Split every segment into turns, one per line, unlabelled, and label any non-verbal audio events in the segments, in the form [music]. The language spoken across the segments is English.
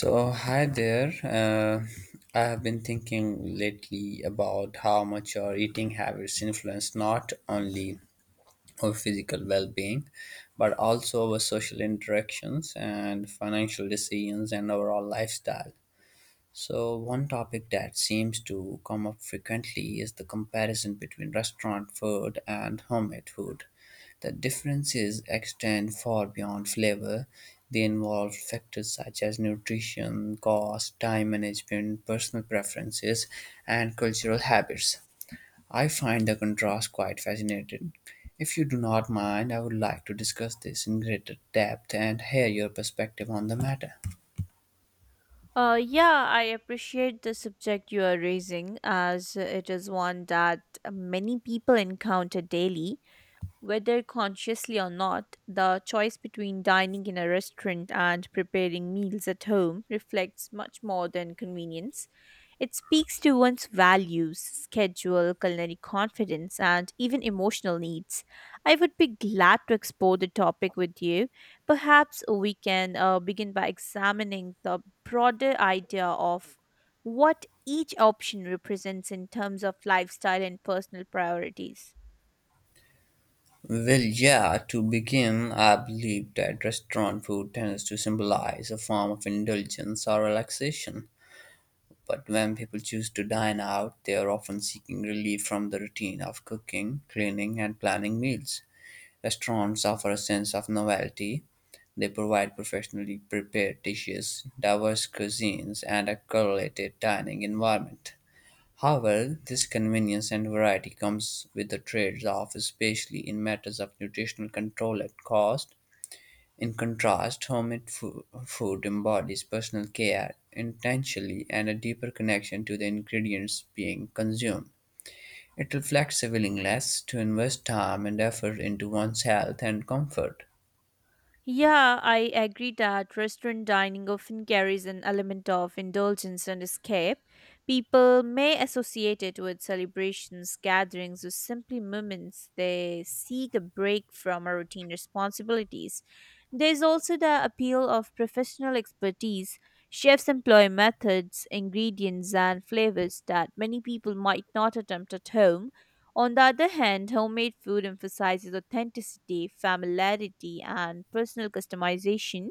So, hi there. I have been thinking lately about how much our eating habits influence not only our physical well being, but also our social interactions and financial decisions and overall lifestyle. So, one topic that seems to come up frequently is the comparison between restaurant food and homemade food. The differences extend far beyond flavor. They involve factors such as nutrition, cost, time management, personal preferences, and cultural habits. I find the contrast quite fascinating. If you do not mind, I would like to discuss this in greater depth and hear your perspective on the matter.
Yeah, I appreciate the subject you are raising as it is one that many people encounter daily, whether consciously or not. The choice between dining in a restaurant and preparing meals at home reflects much more than convenience. It speaks to one's values, schedule, culinary confidence, and even emotional needs. I would be glad to explore the topic with you. Perhaps we can begin by examining the broader idea of what each option represents in terms of lifestyle and personal priorities.
Well, yeah, to begin, I believe that restaurant food tends to symbolize a form of indulgence or relaxation. But when people choose to dine out, they are often seeking relief from the routine of cooking, cleaning, and planning meals. Restaurants offer a sense of novelty. They provide professionally prepared dishes, diverse cuisines, and a curated dining environment. However, this convenience and variety comes with the trade-off, especially in matters of nutritional control and cost. In contrast, food embodies personal care, intentionally, and a deeper connection to the ingredients being consumed. It reflects a willingness to invest time and effort into one's health and comfort.
Yeah, I agree that restaurant dining often carries an element of indulgence and escape. People may associate it with celebrations, gatherings, or simply moments they seek a break from our routine responsibilities. There's also the appeal of professional expertise. Chefs employ methods, ingredients, and flavors that many people might not attempt at home. On the other hand, homemade food emphasizes authenticity, familiarity, and personal customization.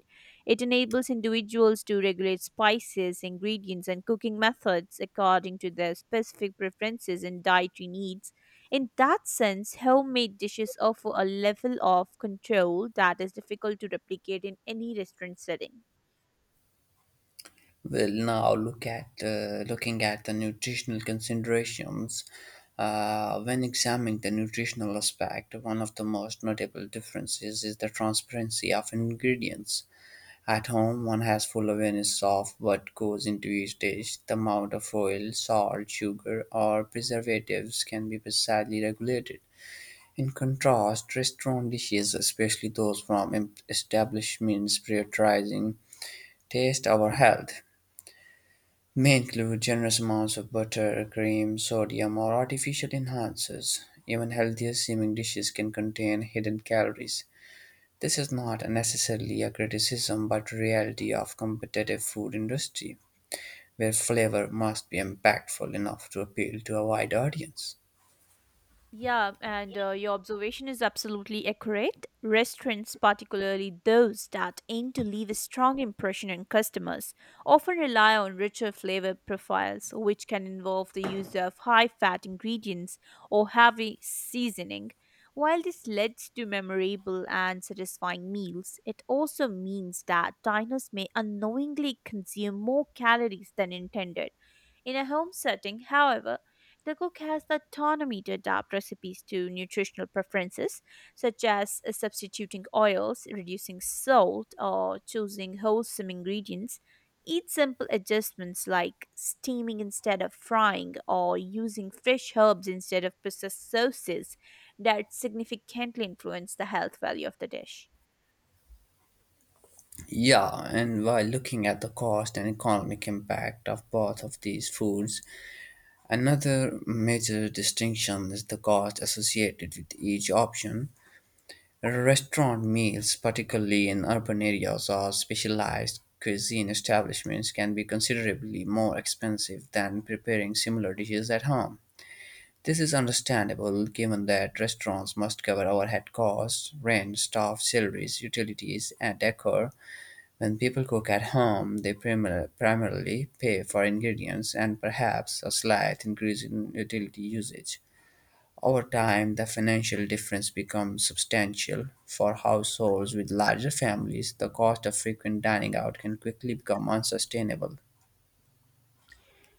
It enables individuals to regulate spices, ingredients, and cooking methods according to their specific preferences and dietary needs. In that sense, homemade dishes offer a level of control that is difficult to replicate in any restaurant setting.
Well, now look at looking at the nutritional considerations. When examining the nutritional aspect, one of the most notable differences is the transparency of ingredients. At home, one has full awareness of what goes into each dish. The amount of oil, salt, sugar, or preservatives can be precisely regulated. In contrast, restaurant dishes, especially those from establishments prioritizing taste over health, may include generous amounts of butter, cream, sodium, or artificial enhancers. Even healthier seeming dishes can contain hidden calories. This is not necessarily a criticism but a reality of competitive food industry where flavor must be impactful enough to appeal to a wide audience.
Yeah, and your observation is absolutely accurate. Restaurants, particularly those that aim to leave a strong impression on customers, often rely on richer flavor profiles, which can involve the use of high fat ingredients or heavy seasoning. While this leads to memorable and satisfying meals, it also means that diners may unknowingly consume more calories than intended. In a home setting, however, the cook has the autonomy to adapt recipes to nutritional preferences, such as substituting oils, reducing salt, or choosing wholesome ingredients. Each simple adjustments like steaming instead of frying or using fresh herbs instead of processed sauces that significantly influence the health value of the dish.
Yeah, and while looking at the cost and economic impact of both of these foods, another major distinction is the cost associated with each option. Restaurant meals, particularly in urban areas or specialized cuisine establishments, can be considerably more expensive than preparing similar dishes at home. This is understandable given that restaurants must cover overhead costs, rent, staff, salaries, utilities, and decor. When people cook at home, primarily pay for ingredients and perhaps a slight increase in utility usage. Over time, the financial difference becomes substantial. For households with larger families, the cost of frequent dining out can quickly become unsustainable.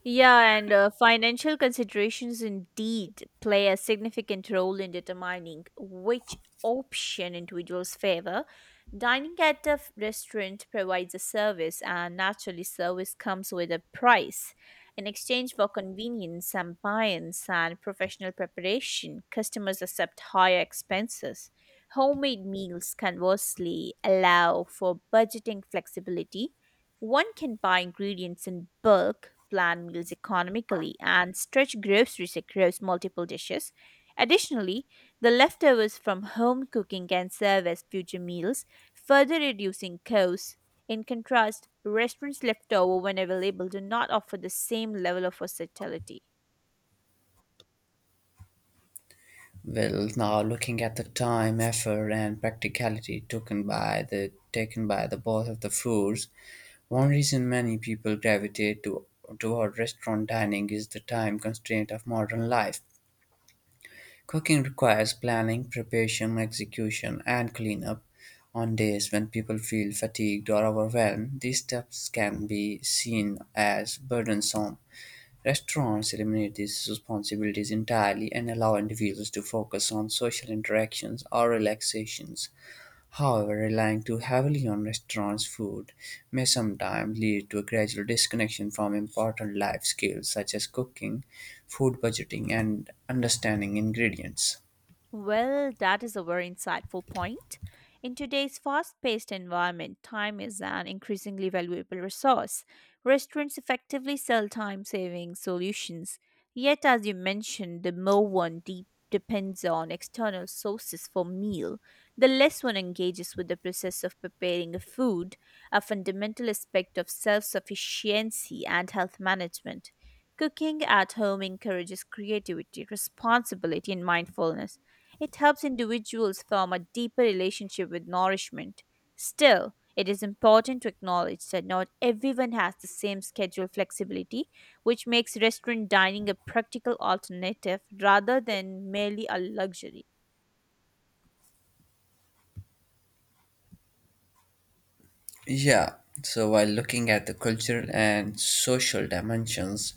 Yeah, and financial considerations indeed play a significant role in determining which option individuals favor. Dining at a restaurant provides a service, and naturally, service comes with a price. In exchange for convenience, ambience, and professional preparation, customers accept higher expenses. Homemade meals, conversely, allow for budgeting flexibility. One can buy ingredients in bulk, plan meals economically, and stretch groceries across multiple dishes. Additionally, the leftovers from home cooking can serve as future meals, further reducing costs. In contrast, restaurants left over when available do not offer the same level of versatility.
Well, now looking at the time, effort, and practicality taken by the both of the foods, one reason many people gravitate to toward restaurant dining is the time constraint of modern life. Cooking requires planning, preparation, execution, and cleanup. On days when people feel fatigued or overwhelmed, these steps can be seen as burdensome. Restaurants eliminate these responsibilities entirely and allow individuals to focus on social interactions or relaxations. However, relying too heavily on restaurants' food may sometimes lead to a gradual disconnection from important life skills such as cooking, food budgeting, and understanding ingredients.
Well, that is a very insightful point. In today's fast paced environment, time is an increasingly valuable resource. Restaurants effectively sell time saving solutions. Yet, as you mentioned, the more one depends on external sources for meal, the less one engages with the process of preparing a food, a fundamental aspect of self sufficiency and health management. Cooking at home encourages creativity, responsibility, and mindfulness. It helps individuals form a deeper relationship with nourishment. Still, it is important to acknowledge that not everyone has the same schedule flexibility, which makes restaurant dining a practical alternative rather than merely a luxury.
Yeah, so while looking at the cultural and social dimensions,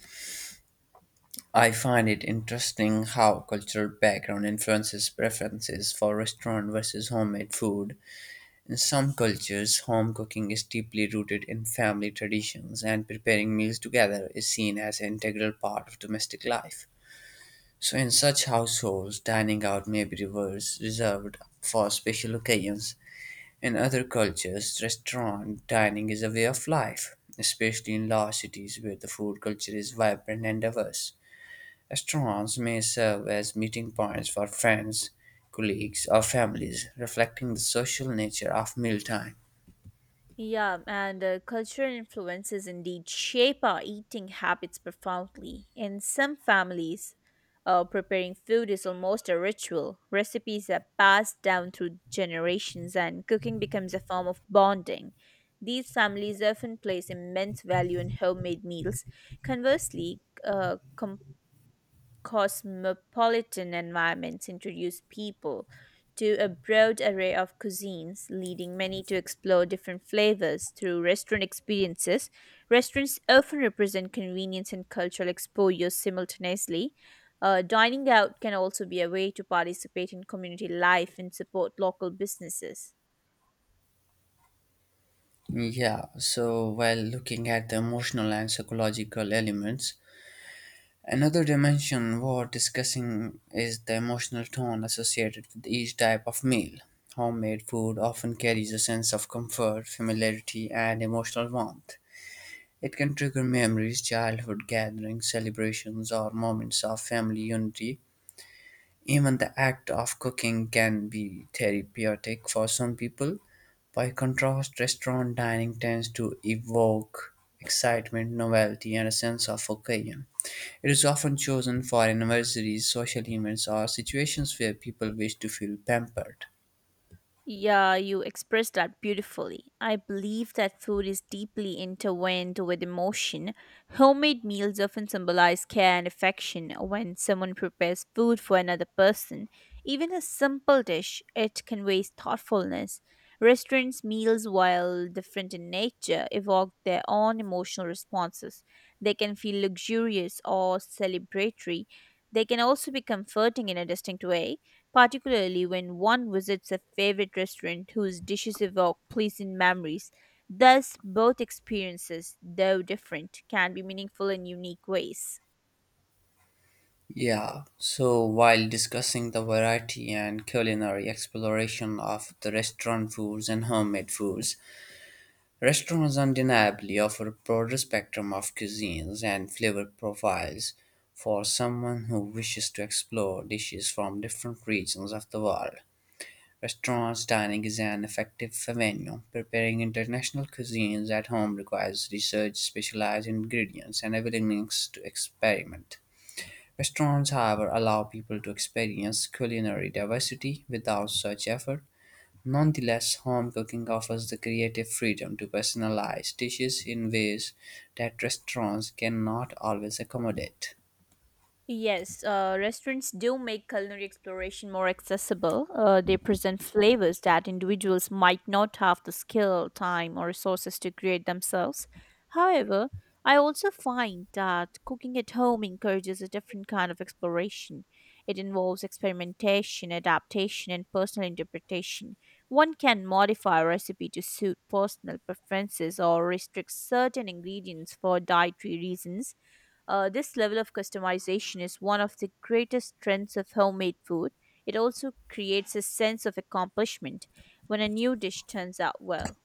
I find it interesting how cultural background influences preferences for restaurant versus homemade food. In some cultures, home cooking is deeply rooted in family traditions, and preparing meals together is seen as an integral part of domestic life. So, in such households, dining out may be reversed, reserved for special occasions, in other cultures, restaurant dining is a way of life, especially in large cities where the food culture is vibrant and diverse. Restaurants may serve as meeting points for friends, colleagues, or families, reflecting the social nature of mealtime.
Yeah, and cultural influences indeed shape our eating habits profoundly. In some families, preparing food is almost a ritual. Recipes are passed down through generations, and cooking becomes a form of bonding. These families often place immense value in homemade meals. Conversely, cosmopolitan environments introduce people to a broad array of cuisines, leading many to explore different flavors through restaurant experiences. Restaurants often represent convenience and cultural exposure simultaneously. Dining out can also be a way to participate in community life and support local businesses.
Yeah, so while looking at the emotional and psychological elements, another dimension worth discussing is the emotional tone associated with each type of meal. Homemade food often carries a sense of comfort, familiarity, and emotional warmth. It can trigger memories, childhood gatherings, celebrations, or moments of family unity. Even the act of cooking can be therapeutic for some people. By contrast, restaurant dining tends to evoke excitement, novelty, and a sense of occasion. It is often chosen for anniversaries, social events, or situations where people wish to feel pampered.
Yeah, you expressed that beautifully. I believe that food is deeply intertwined with emotion. Homemade meals often symbolize care and affection. When someone prepares food for another person, even a simple dish, it conveys thoughtfulness. Restaurants' meals, while different in nature, evoke their own emotional responses. They can feel luxurious or celebratory. They can also be comforting in a distinct way, particularly when one visits a favorite restaurant whose dishes evoke pleasant memories. Thus, both experiences, though different, can be meaningful in unique ways.
Yeah, so while discussing the variety and culinary exploration of the restaurant foods and homemade foods, restaurants undeniably offer a broader spectrum of cuisines and flavor profiles for someone who wishes to explore dishes from different regions of the world. Restaurants dining is an effective venue. Preparing international cuisines at home requires research, specialized ingredients, and a willingness to experiment. Restaurants, however, allow people to experience culinary diversity without such effort. Nonetheless, home cooking offers the creative freedom to personalize dishes in ways that restaurants cannot always accommodate.
Yes, restaurants do make culinary exploration more accessible. They present flavors that individuals might not have the skill, time, or resources to create themselves. However, I also find that cooking at home encourages a different kind of exploration. It involves experimentation, adaptation, and personal interpretation. One can modify a recipe to suit personal preferences or restrict certain ingredients for dietary reasons. This level of customization is one of the greatest strengths of homemade food. It also creates a sense of accomplishment when a new dish turns out well.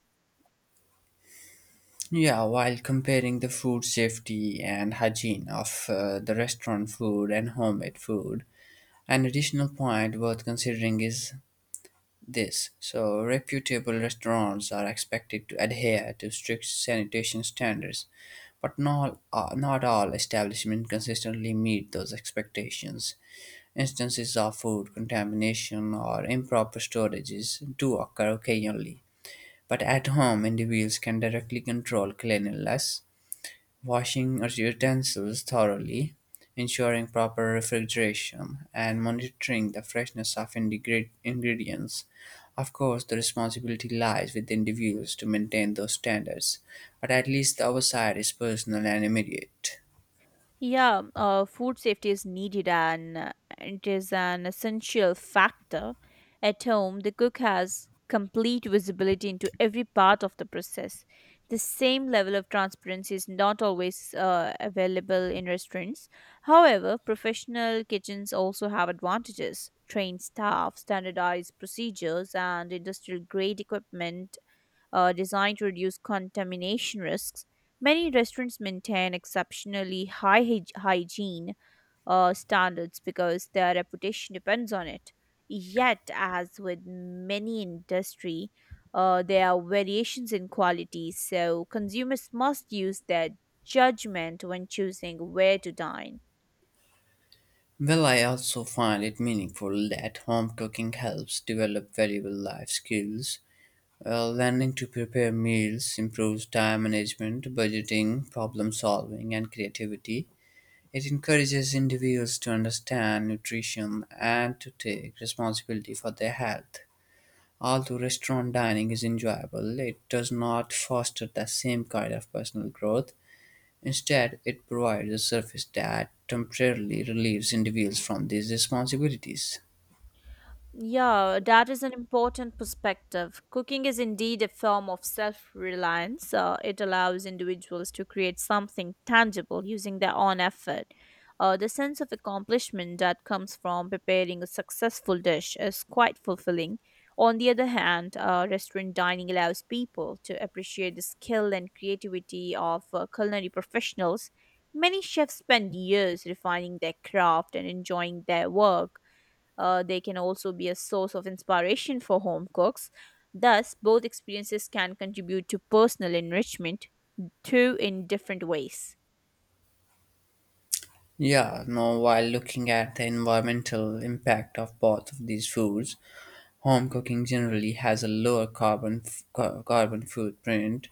Yeah, while comparing the food safety and hygiene of the restaurant food and homemade food, an additional point worth considering is this. So, reputable restaurants are expected to adhere to strict sanitation standards, but not, not all establishments consistently meet those expectations. Instances of food contamination or improper storages do occur occasionally, but at home, individuals can directly control cleanliness. Washing utensils thoroughly, ensuring proper refrigeration, and monitoring the freshness of ingredients. Of course, the responsibility lies with individuals to maintain those standards, but at least the oversight is personal and immediate.
Yeah, food safety is needed and it is an essential factor. At home, the cook has complete visibility into every part of the process. The same level of transparency is not always available in restaurants. However, professional kitchens also have advantages. Trained staff, standardized procedures, and industrial grade equipment designed to reduce contamination risks. Many restaurants maintain exceptionally high hygiene standards because their reputation depends on it. Yet, as with many industry, there are variations in quality, so consumers must use their judgment when choosing where to dine.
Well, I also find it meaningful that home cooking helps develop valuable life skills. Well, learning to prepare meals improves time management, budgeting, problem solving, and creativity. It encourages individuals to understand nutrition and to take responsibility for their health. Although restaurant dining is enjoyable, it does not foster the same kind of personal growth. Instead, it provides a surface that temporarily relieves individuals from these responsibilities.
Yeah, that is an important perspective. Cooking is indeed a form of self reliance. It allows individuals to create something tangible using their own effort. The sense of accomplishment that comes from preparing a successful dish is quite fulfilling. On the other hand, restaurant dining allows people to appreciate the skill and creativity of culinary professionals. Many chefs spend years refining their craft and enjoying their work. They can also be a source of inspiration for home cooks. Thus, both experiences can contribute to personal enrichment, too, in different ways.
Yeah, no, while looking at the environmental impact of both of these foods, home cooking generally has a lower carbon footprint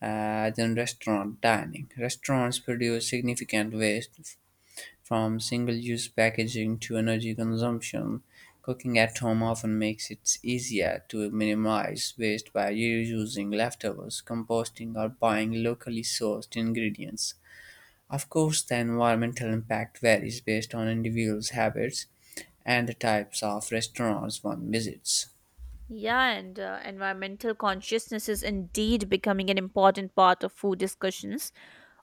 than restaurant dining. Restaurants produce significant from single-use packaging to energy consumption. Cooking at home often makes it easier to minimize waste by reusing leftovers, composting, or buying locally sourced ingredients. Of course, the environmental impact varies based on individuals' habits and the types of restaurants one visits.
Yeah, and environmental consciousness is indeed becoming an important part of food discussions.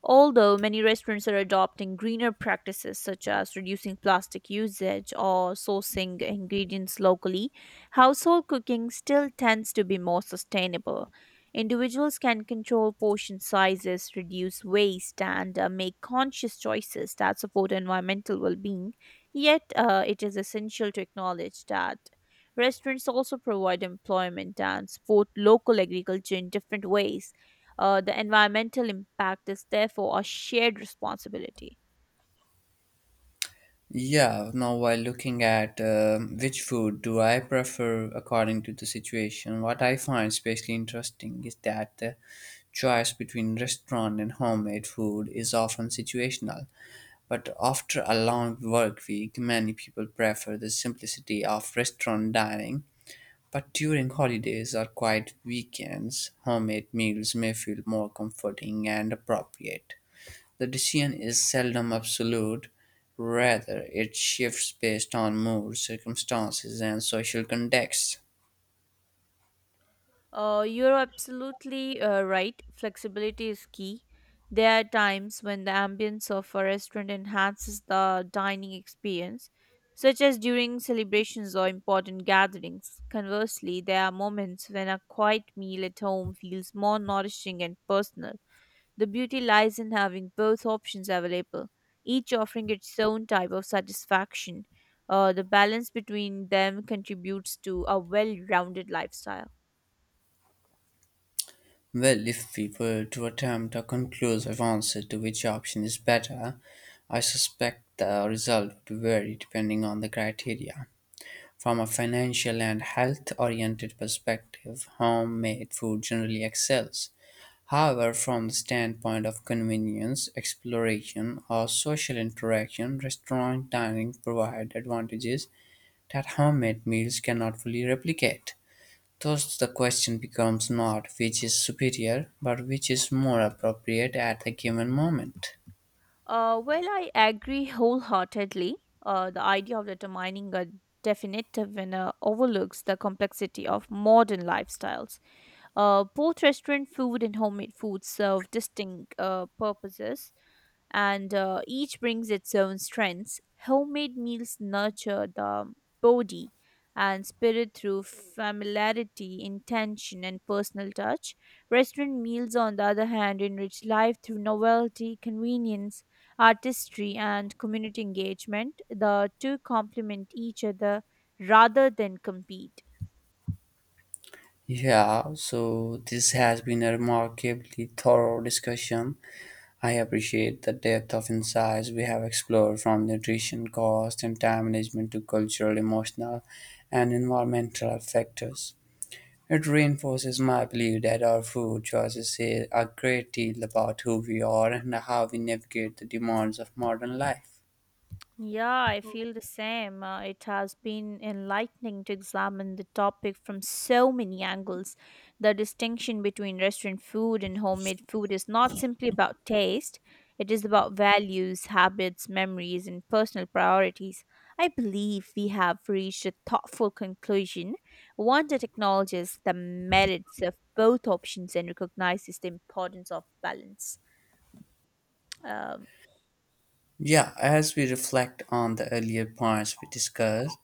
Although many restaurants are adopting greener practices such as reducing plastic usage or sourcing ingredients locally, household cooking still tends to be more sustainable. Individuals can control portion sizes, reduce waste, and make conscious choices that support environmental well being. Yet, it is essential to acknowledge that restaurants also provide employment and support local agriculture in different ways. The environmental impact is therefore a shared responsibility.
Yeah, now while looking at which food do I prefer according to the situation, what I find especially interesting is that the choice between restaurant and homemade food is often situational. But after a long work week, many people prefer the simplicity of restaurant dining. But during holidays or quiet weekends, homemade meals may feel more comforting and appropriate. The decision is seldom absolute, rather, it shifts based on mood, circumstances, and social context.
You're absolutely right. Flexibility is key. There are times when the ambience of a restaurant enhances the dining experience, such as during celebrations or important gatherings. Conversely, there are moments when a quiet meal at home feels more nourishing and personal. The beauty lies in having both options available, each offering its own type of satisfaction. The balance between them contributes to a well rounded lifestyle.
Well, if we were to attempt a conclusive answer to which option is better, I suspect the result would vary depending on the criteria. From a financial and health oriented perspective, homemade food generally excels. However, from the standpoint of convenience, exploration, or social interaction, restaurant dining provide advantages that homemade meals cannot fully replicate. Thus, the question becomes not which is superior, but which is more appropriate at a given moment.
Well, I agree wholeheartedly. The idea of determining a definitive winner overlooks the complexity of modern lifestyles. Both restaurant food and homemade food serve distinct purposes, and each brings its own strengths. Homemade meals nurture the body and spirit through familiarity, intention, and personal touch. Restaurant meals, on the other hand, enrich life through novelty, convenience, artistry, and community engagement. The two complement each other rather than compete.
Yeah, so this has been a remarkably thorough discussion. I appreciate the depth of insights we have explored from nutrition cost and time management to cultural, emotional, and environmental factors. It reinforces my belief that our food choices say a great deal about who we are and how we navigate the demands of modern life.
Yeah, I feel the same. It has been enlightening to examine the topic from so many angles. The distinction between restaurant food and homemade food is not simply about taste, it is about values, habits, memories, and personal priorities. I believe we have reached a thoughtful conclusion, one that acknowledges the merits of both options and recognizes the importance of balance. Um,
Yeah, as we reflect on the earlier points we discussed,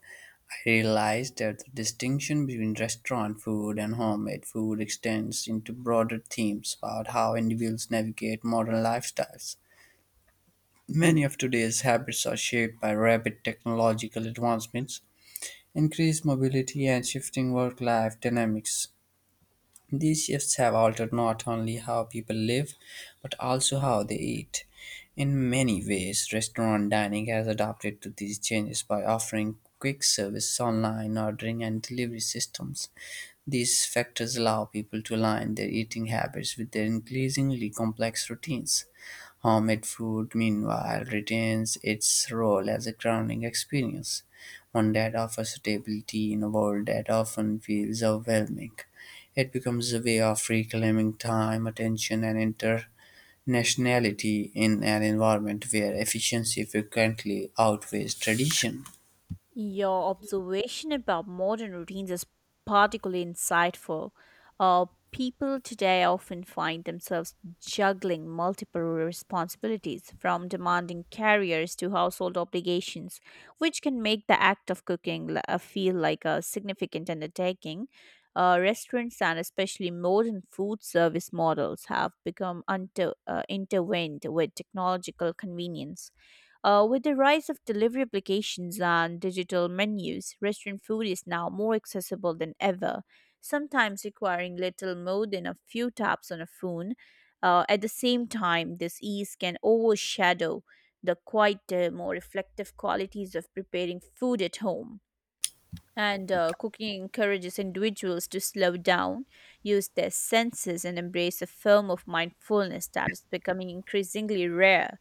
I realized that the distinction between restaurant food and homemade food extends into broader themes about how individuals navigate modern lifestyles. Many of today's habits are shaped by rapid technological advancements, increased mobility, and shifting work life dynamics. These shifts have altered not only how people live, but also how they eat. In many ways, restaurant dining has adapted to these changes by offering quick service, online ordering, and delivery systems. These factors allow people to align their eating habits with their increasingly complex routines. Homemade food, meanwhile, retains its role as a grounding experience, one that offers stability in a world that often feels overwhelming. It becomes a way of reclaiming time, attention, and internationality in an environment where efficiency frequently outweighs tradition.
Your observation about modern routines is particularly insightful. Uh, People today often find themselves juggling multiple responsibilities, from demanding careers to household obligations, which can make the act of cooking feel like a significant undertaking. Restaurants and especially modern food service models have become intertwined with technological convenience. With the rise of delivery applications and digital menus, restaurant food is now more accessible than ever, sometimes requiring little more than a few taps on a phone. At the same time, this ease can overshadow the quieter, more reflective qualities of preparing food at home. And cooking encourages individuals to slow down, use their senses, and embrace a form of mindfulness that is becoming increasingly rare.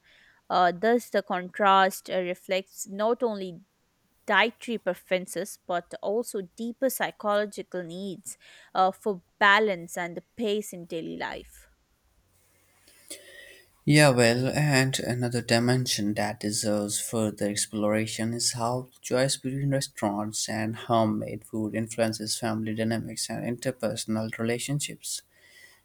Thus, the contrast reflects not only dietary preferences but also deeper psychological needs for balance and the pace in daily life.
Yeah, well, and another dimension that deserves further exploration is how choice between restaurants and homemade food influences family dynamics and interpersonal relationships.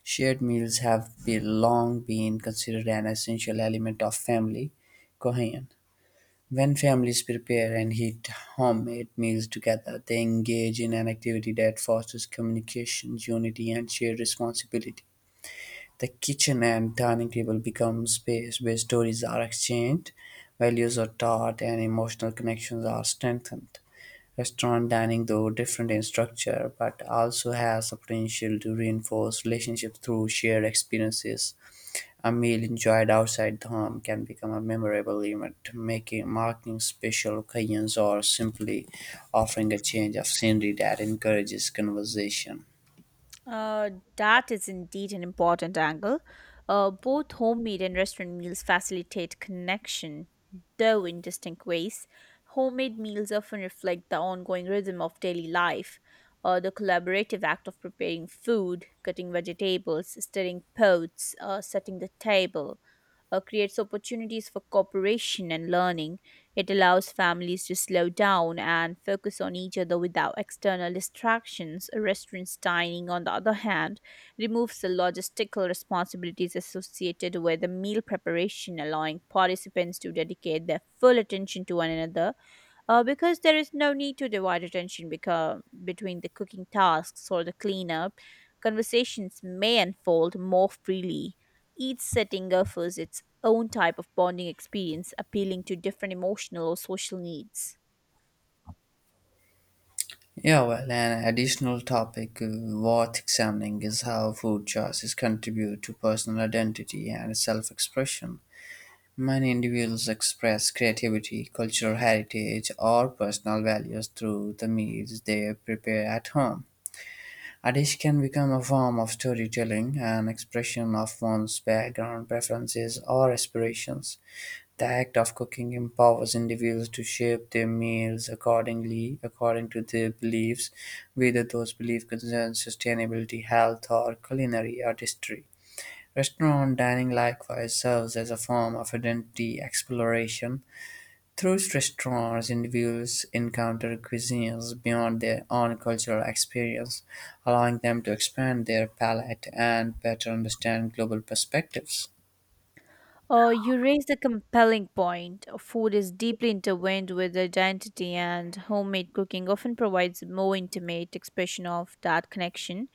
Shared meals have be long been considered an essential element of family cohesion. When families prepare and eat homemade meals together, they engage in an activity that fosters communication, unity, and shared responsibility. The kitchen and dining table become space where stories are exchanged, values are taught, and emotional connections are strengthened. Restaurant dining, though different in structure, but also has the potential to reinforce relationships through shared experiences. A meal enjoyed outside the home can become a memorable event, making marking special occasions or simply offering a change of scenery that encourages conversation.
Uh, that is indeed an important angle. Both homemade and restaurant meals facilitate connection, though in distinct ways. Homemade meals often reflect the ongoing rhythm of daily life, the collaborative act of preparing food, cutting vegetables, stirring pots, setting the table, creates opportunities for cooperation and learning. It allows families to slow down and focus on each other without external distractions. Restaurants dining, on the other hand, removes the logistical responsibilities associated with the meal preparation, allowing participants to dedicate their full attention to one another. Because there is no need to divide attention between the cooking tasks or the cleanup, conversations may unfold more freely. Each setting offers its own type of bonding experience, appealing to different emotional or social needs.
Yeah, well, an additional topic worth examining is how food choices contribute to personal identity and self expression. Many individuals express creativity, cultural heritage, or personal values through the meals they prepare at home. A dish can become a form of storytelling, an expression of one's background, preferences, or aspirations. The act of cooking empowers individuals to shape their meals accordingly according to their beliefs, whether those beliefs concern sustainability, health, or culinary artistry. Restaurant dining likewise serves as a form of identity exploration. Through restaurants, individuals encounter cuisines beyond their own cultural experience, allowing them to expand their palate and better understand global perspectives.
You raised a compelling point. Food is deeply intertwined with identity, and homemade cooking often provides a more intimate expression of that connection.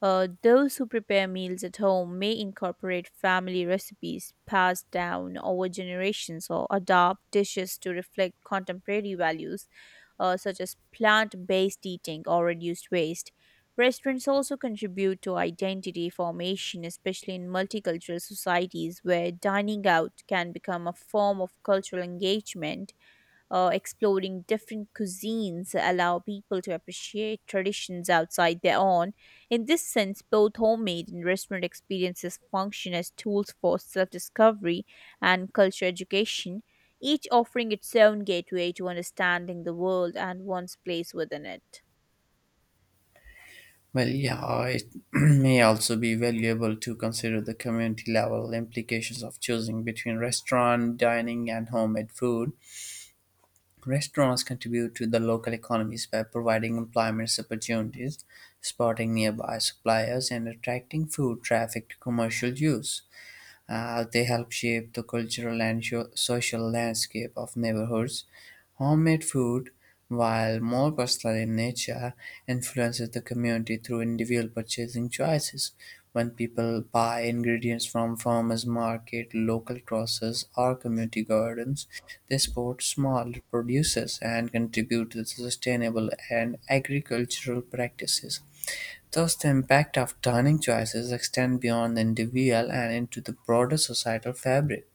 Those who prepare meals at home may incorporate family recipes passed down over generations or adopt dishes to reflect contemporary values, such as plant based eating or reduced waste. Restaurants also contribute to identity formation, especially in multicultural societies where dining out can become a form of cultural engagement. Exploring different cuisines allow people to appreciate traditions outside their own. In this sense, both homemade and restaurant experiences function as tools for self-discovery and cultural education, each offering its own gateway to understanding the world and one's place within it.
Well, yeah, it [clears throat] may also be valuable to consider the community level implications of choosing between restaurant dining and homemade food. Restaurants contribute to the local economies by providing employment opportunities, supporting nearby suppliers, and attracting food traffic to commercial use. They help shape the cultural and social landscape of neighborhoods. Homemade food, while more personal in nature, influences the community through individual purchasing choices. When people buy ingredients from farmers market, local grocers, or community gardens, they support small producers and contribute to the sustainable and agricultural practices. Thus, the impact of dining choices extend beyond the individual and into the broader societal fabric.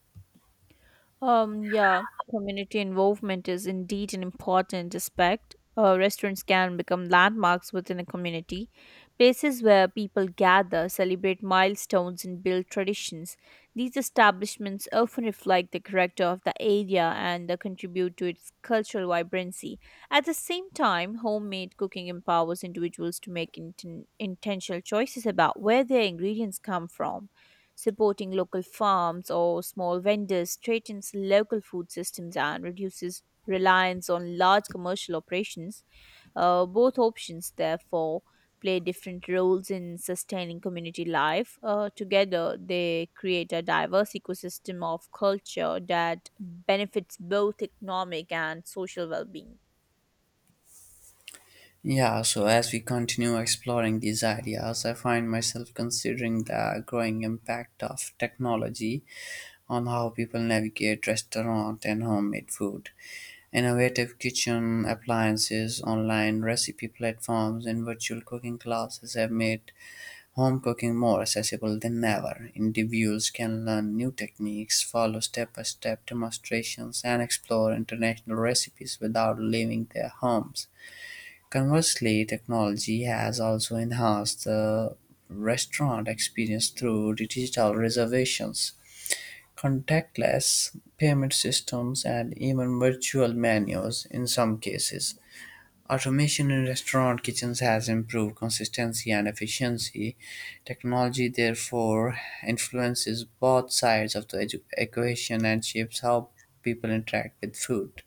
Yeah, community involvement is indeed an important aspect. Restaurants can become landmarks within a community, places where people gather, celebrate milestones, and build traditions. These establishments often reflect the character of the area and contribute to its cultural vibrancy. At the same time, homemade cooking empowers individuals to make intentional choices about where their ingredients come from. Supporting local farms or small vendors strengthens local food systems and reduces reliance on large commercial operations. Both options, therefore, play different roles in sustaining community life. Together, they create a diverse ecosystem of culture that benefits both economic and social well being.
Yeah, so as we continue exploring these ideas, I find myself considering the growing impact of technology on how people navigate restaurant and homemade food. Innovative kitchen appliances, online recipe platforms, and virtual cooking classes have made home cooking more accessible than ever, individuals can learn new techniques, follow step-by-step demonstrations, and explore international recipes without leaving their homes. Conversely, technology has also enhanced the restaurant experience through digital reservations, contactless payment systems, and even virtual menus in some cases. Automation in restaurant kitchens has improved consistency and efficiency. Technology therefore influences both sides of the equation and shapes how people interact with food.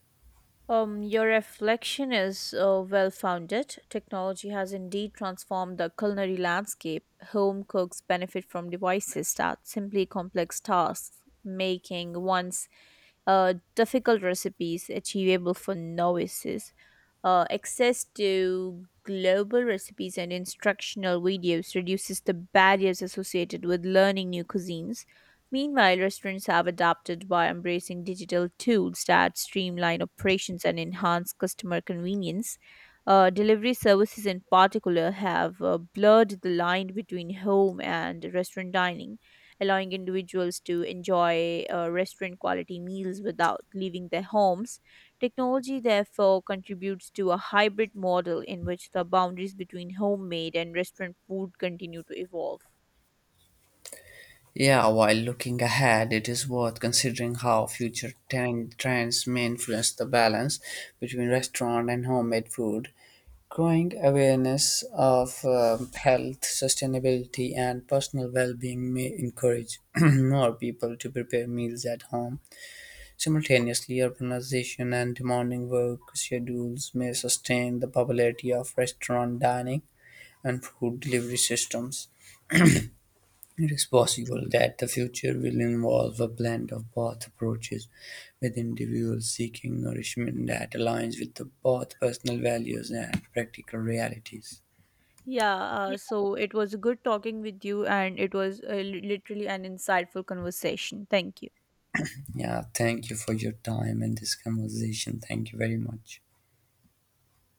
Your reflection is well founded. Technology has indeed transformed the culinary landscape. Home cooks benefit from devices that simply complex tasks, making once difficult recipes achievable for novices. Access to global recipes and instructional videos reduces the barriers associated with learning new cuisines. Meanwhile, restaurants have adapted by embracing digital tools that streamline operations and enhance customer convenience. Delivery services, in particular, have blurred the line between home and restaurant dining, allowing individuals to enjoy restaurant quality meals without leaving their homes. Technology, therefore, contributes to a hybrid model in which the boundaries between homemade and restaurant food continue to evolve.
Yeah, while looking ahead, it is worth considering how future trends may influence the balance between restaurant and homemade food. Growing awareness of health, sustainability, and personal well being may encourage [clears throat] more people to prepare meals at home. Simultaneously, urbanization and demanding work schedules may sustain the popularity of restaurant dining and food delivery systems. It is possible that the future will involve a blend of both approaches, with individuals seeking nourishment that aligns with the both personal values and practical realities.
Yeah, so it was good talking with you, and it was literally an insightful conversation. Thank you.
Yeah, thank you for your time and this conversation. Thank you very much.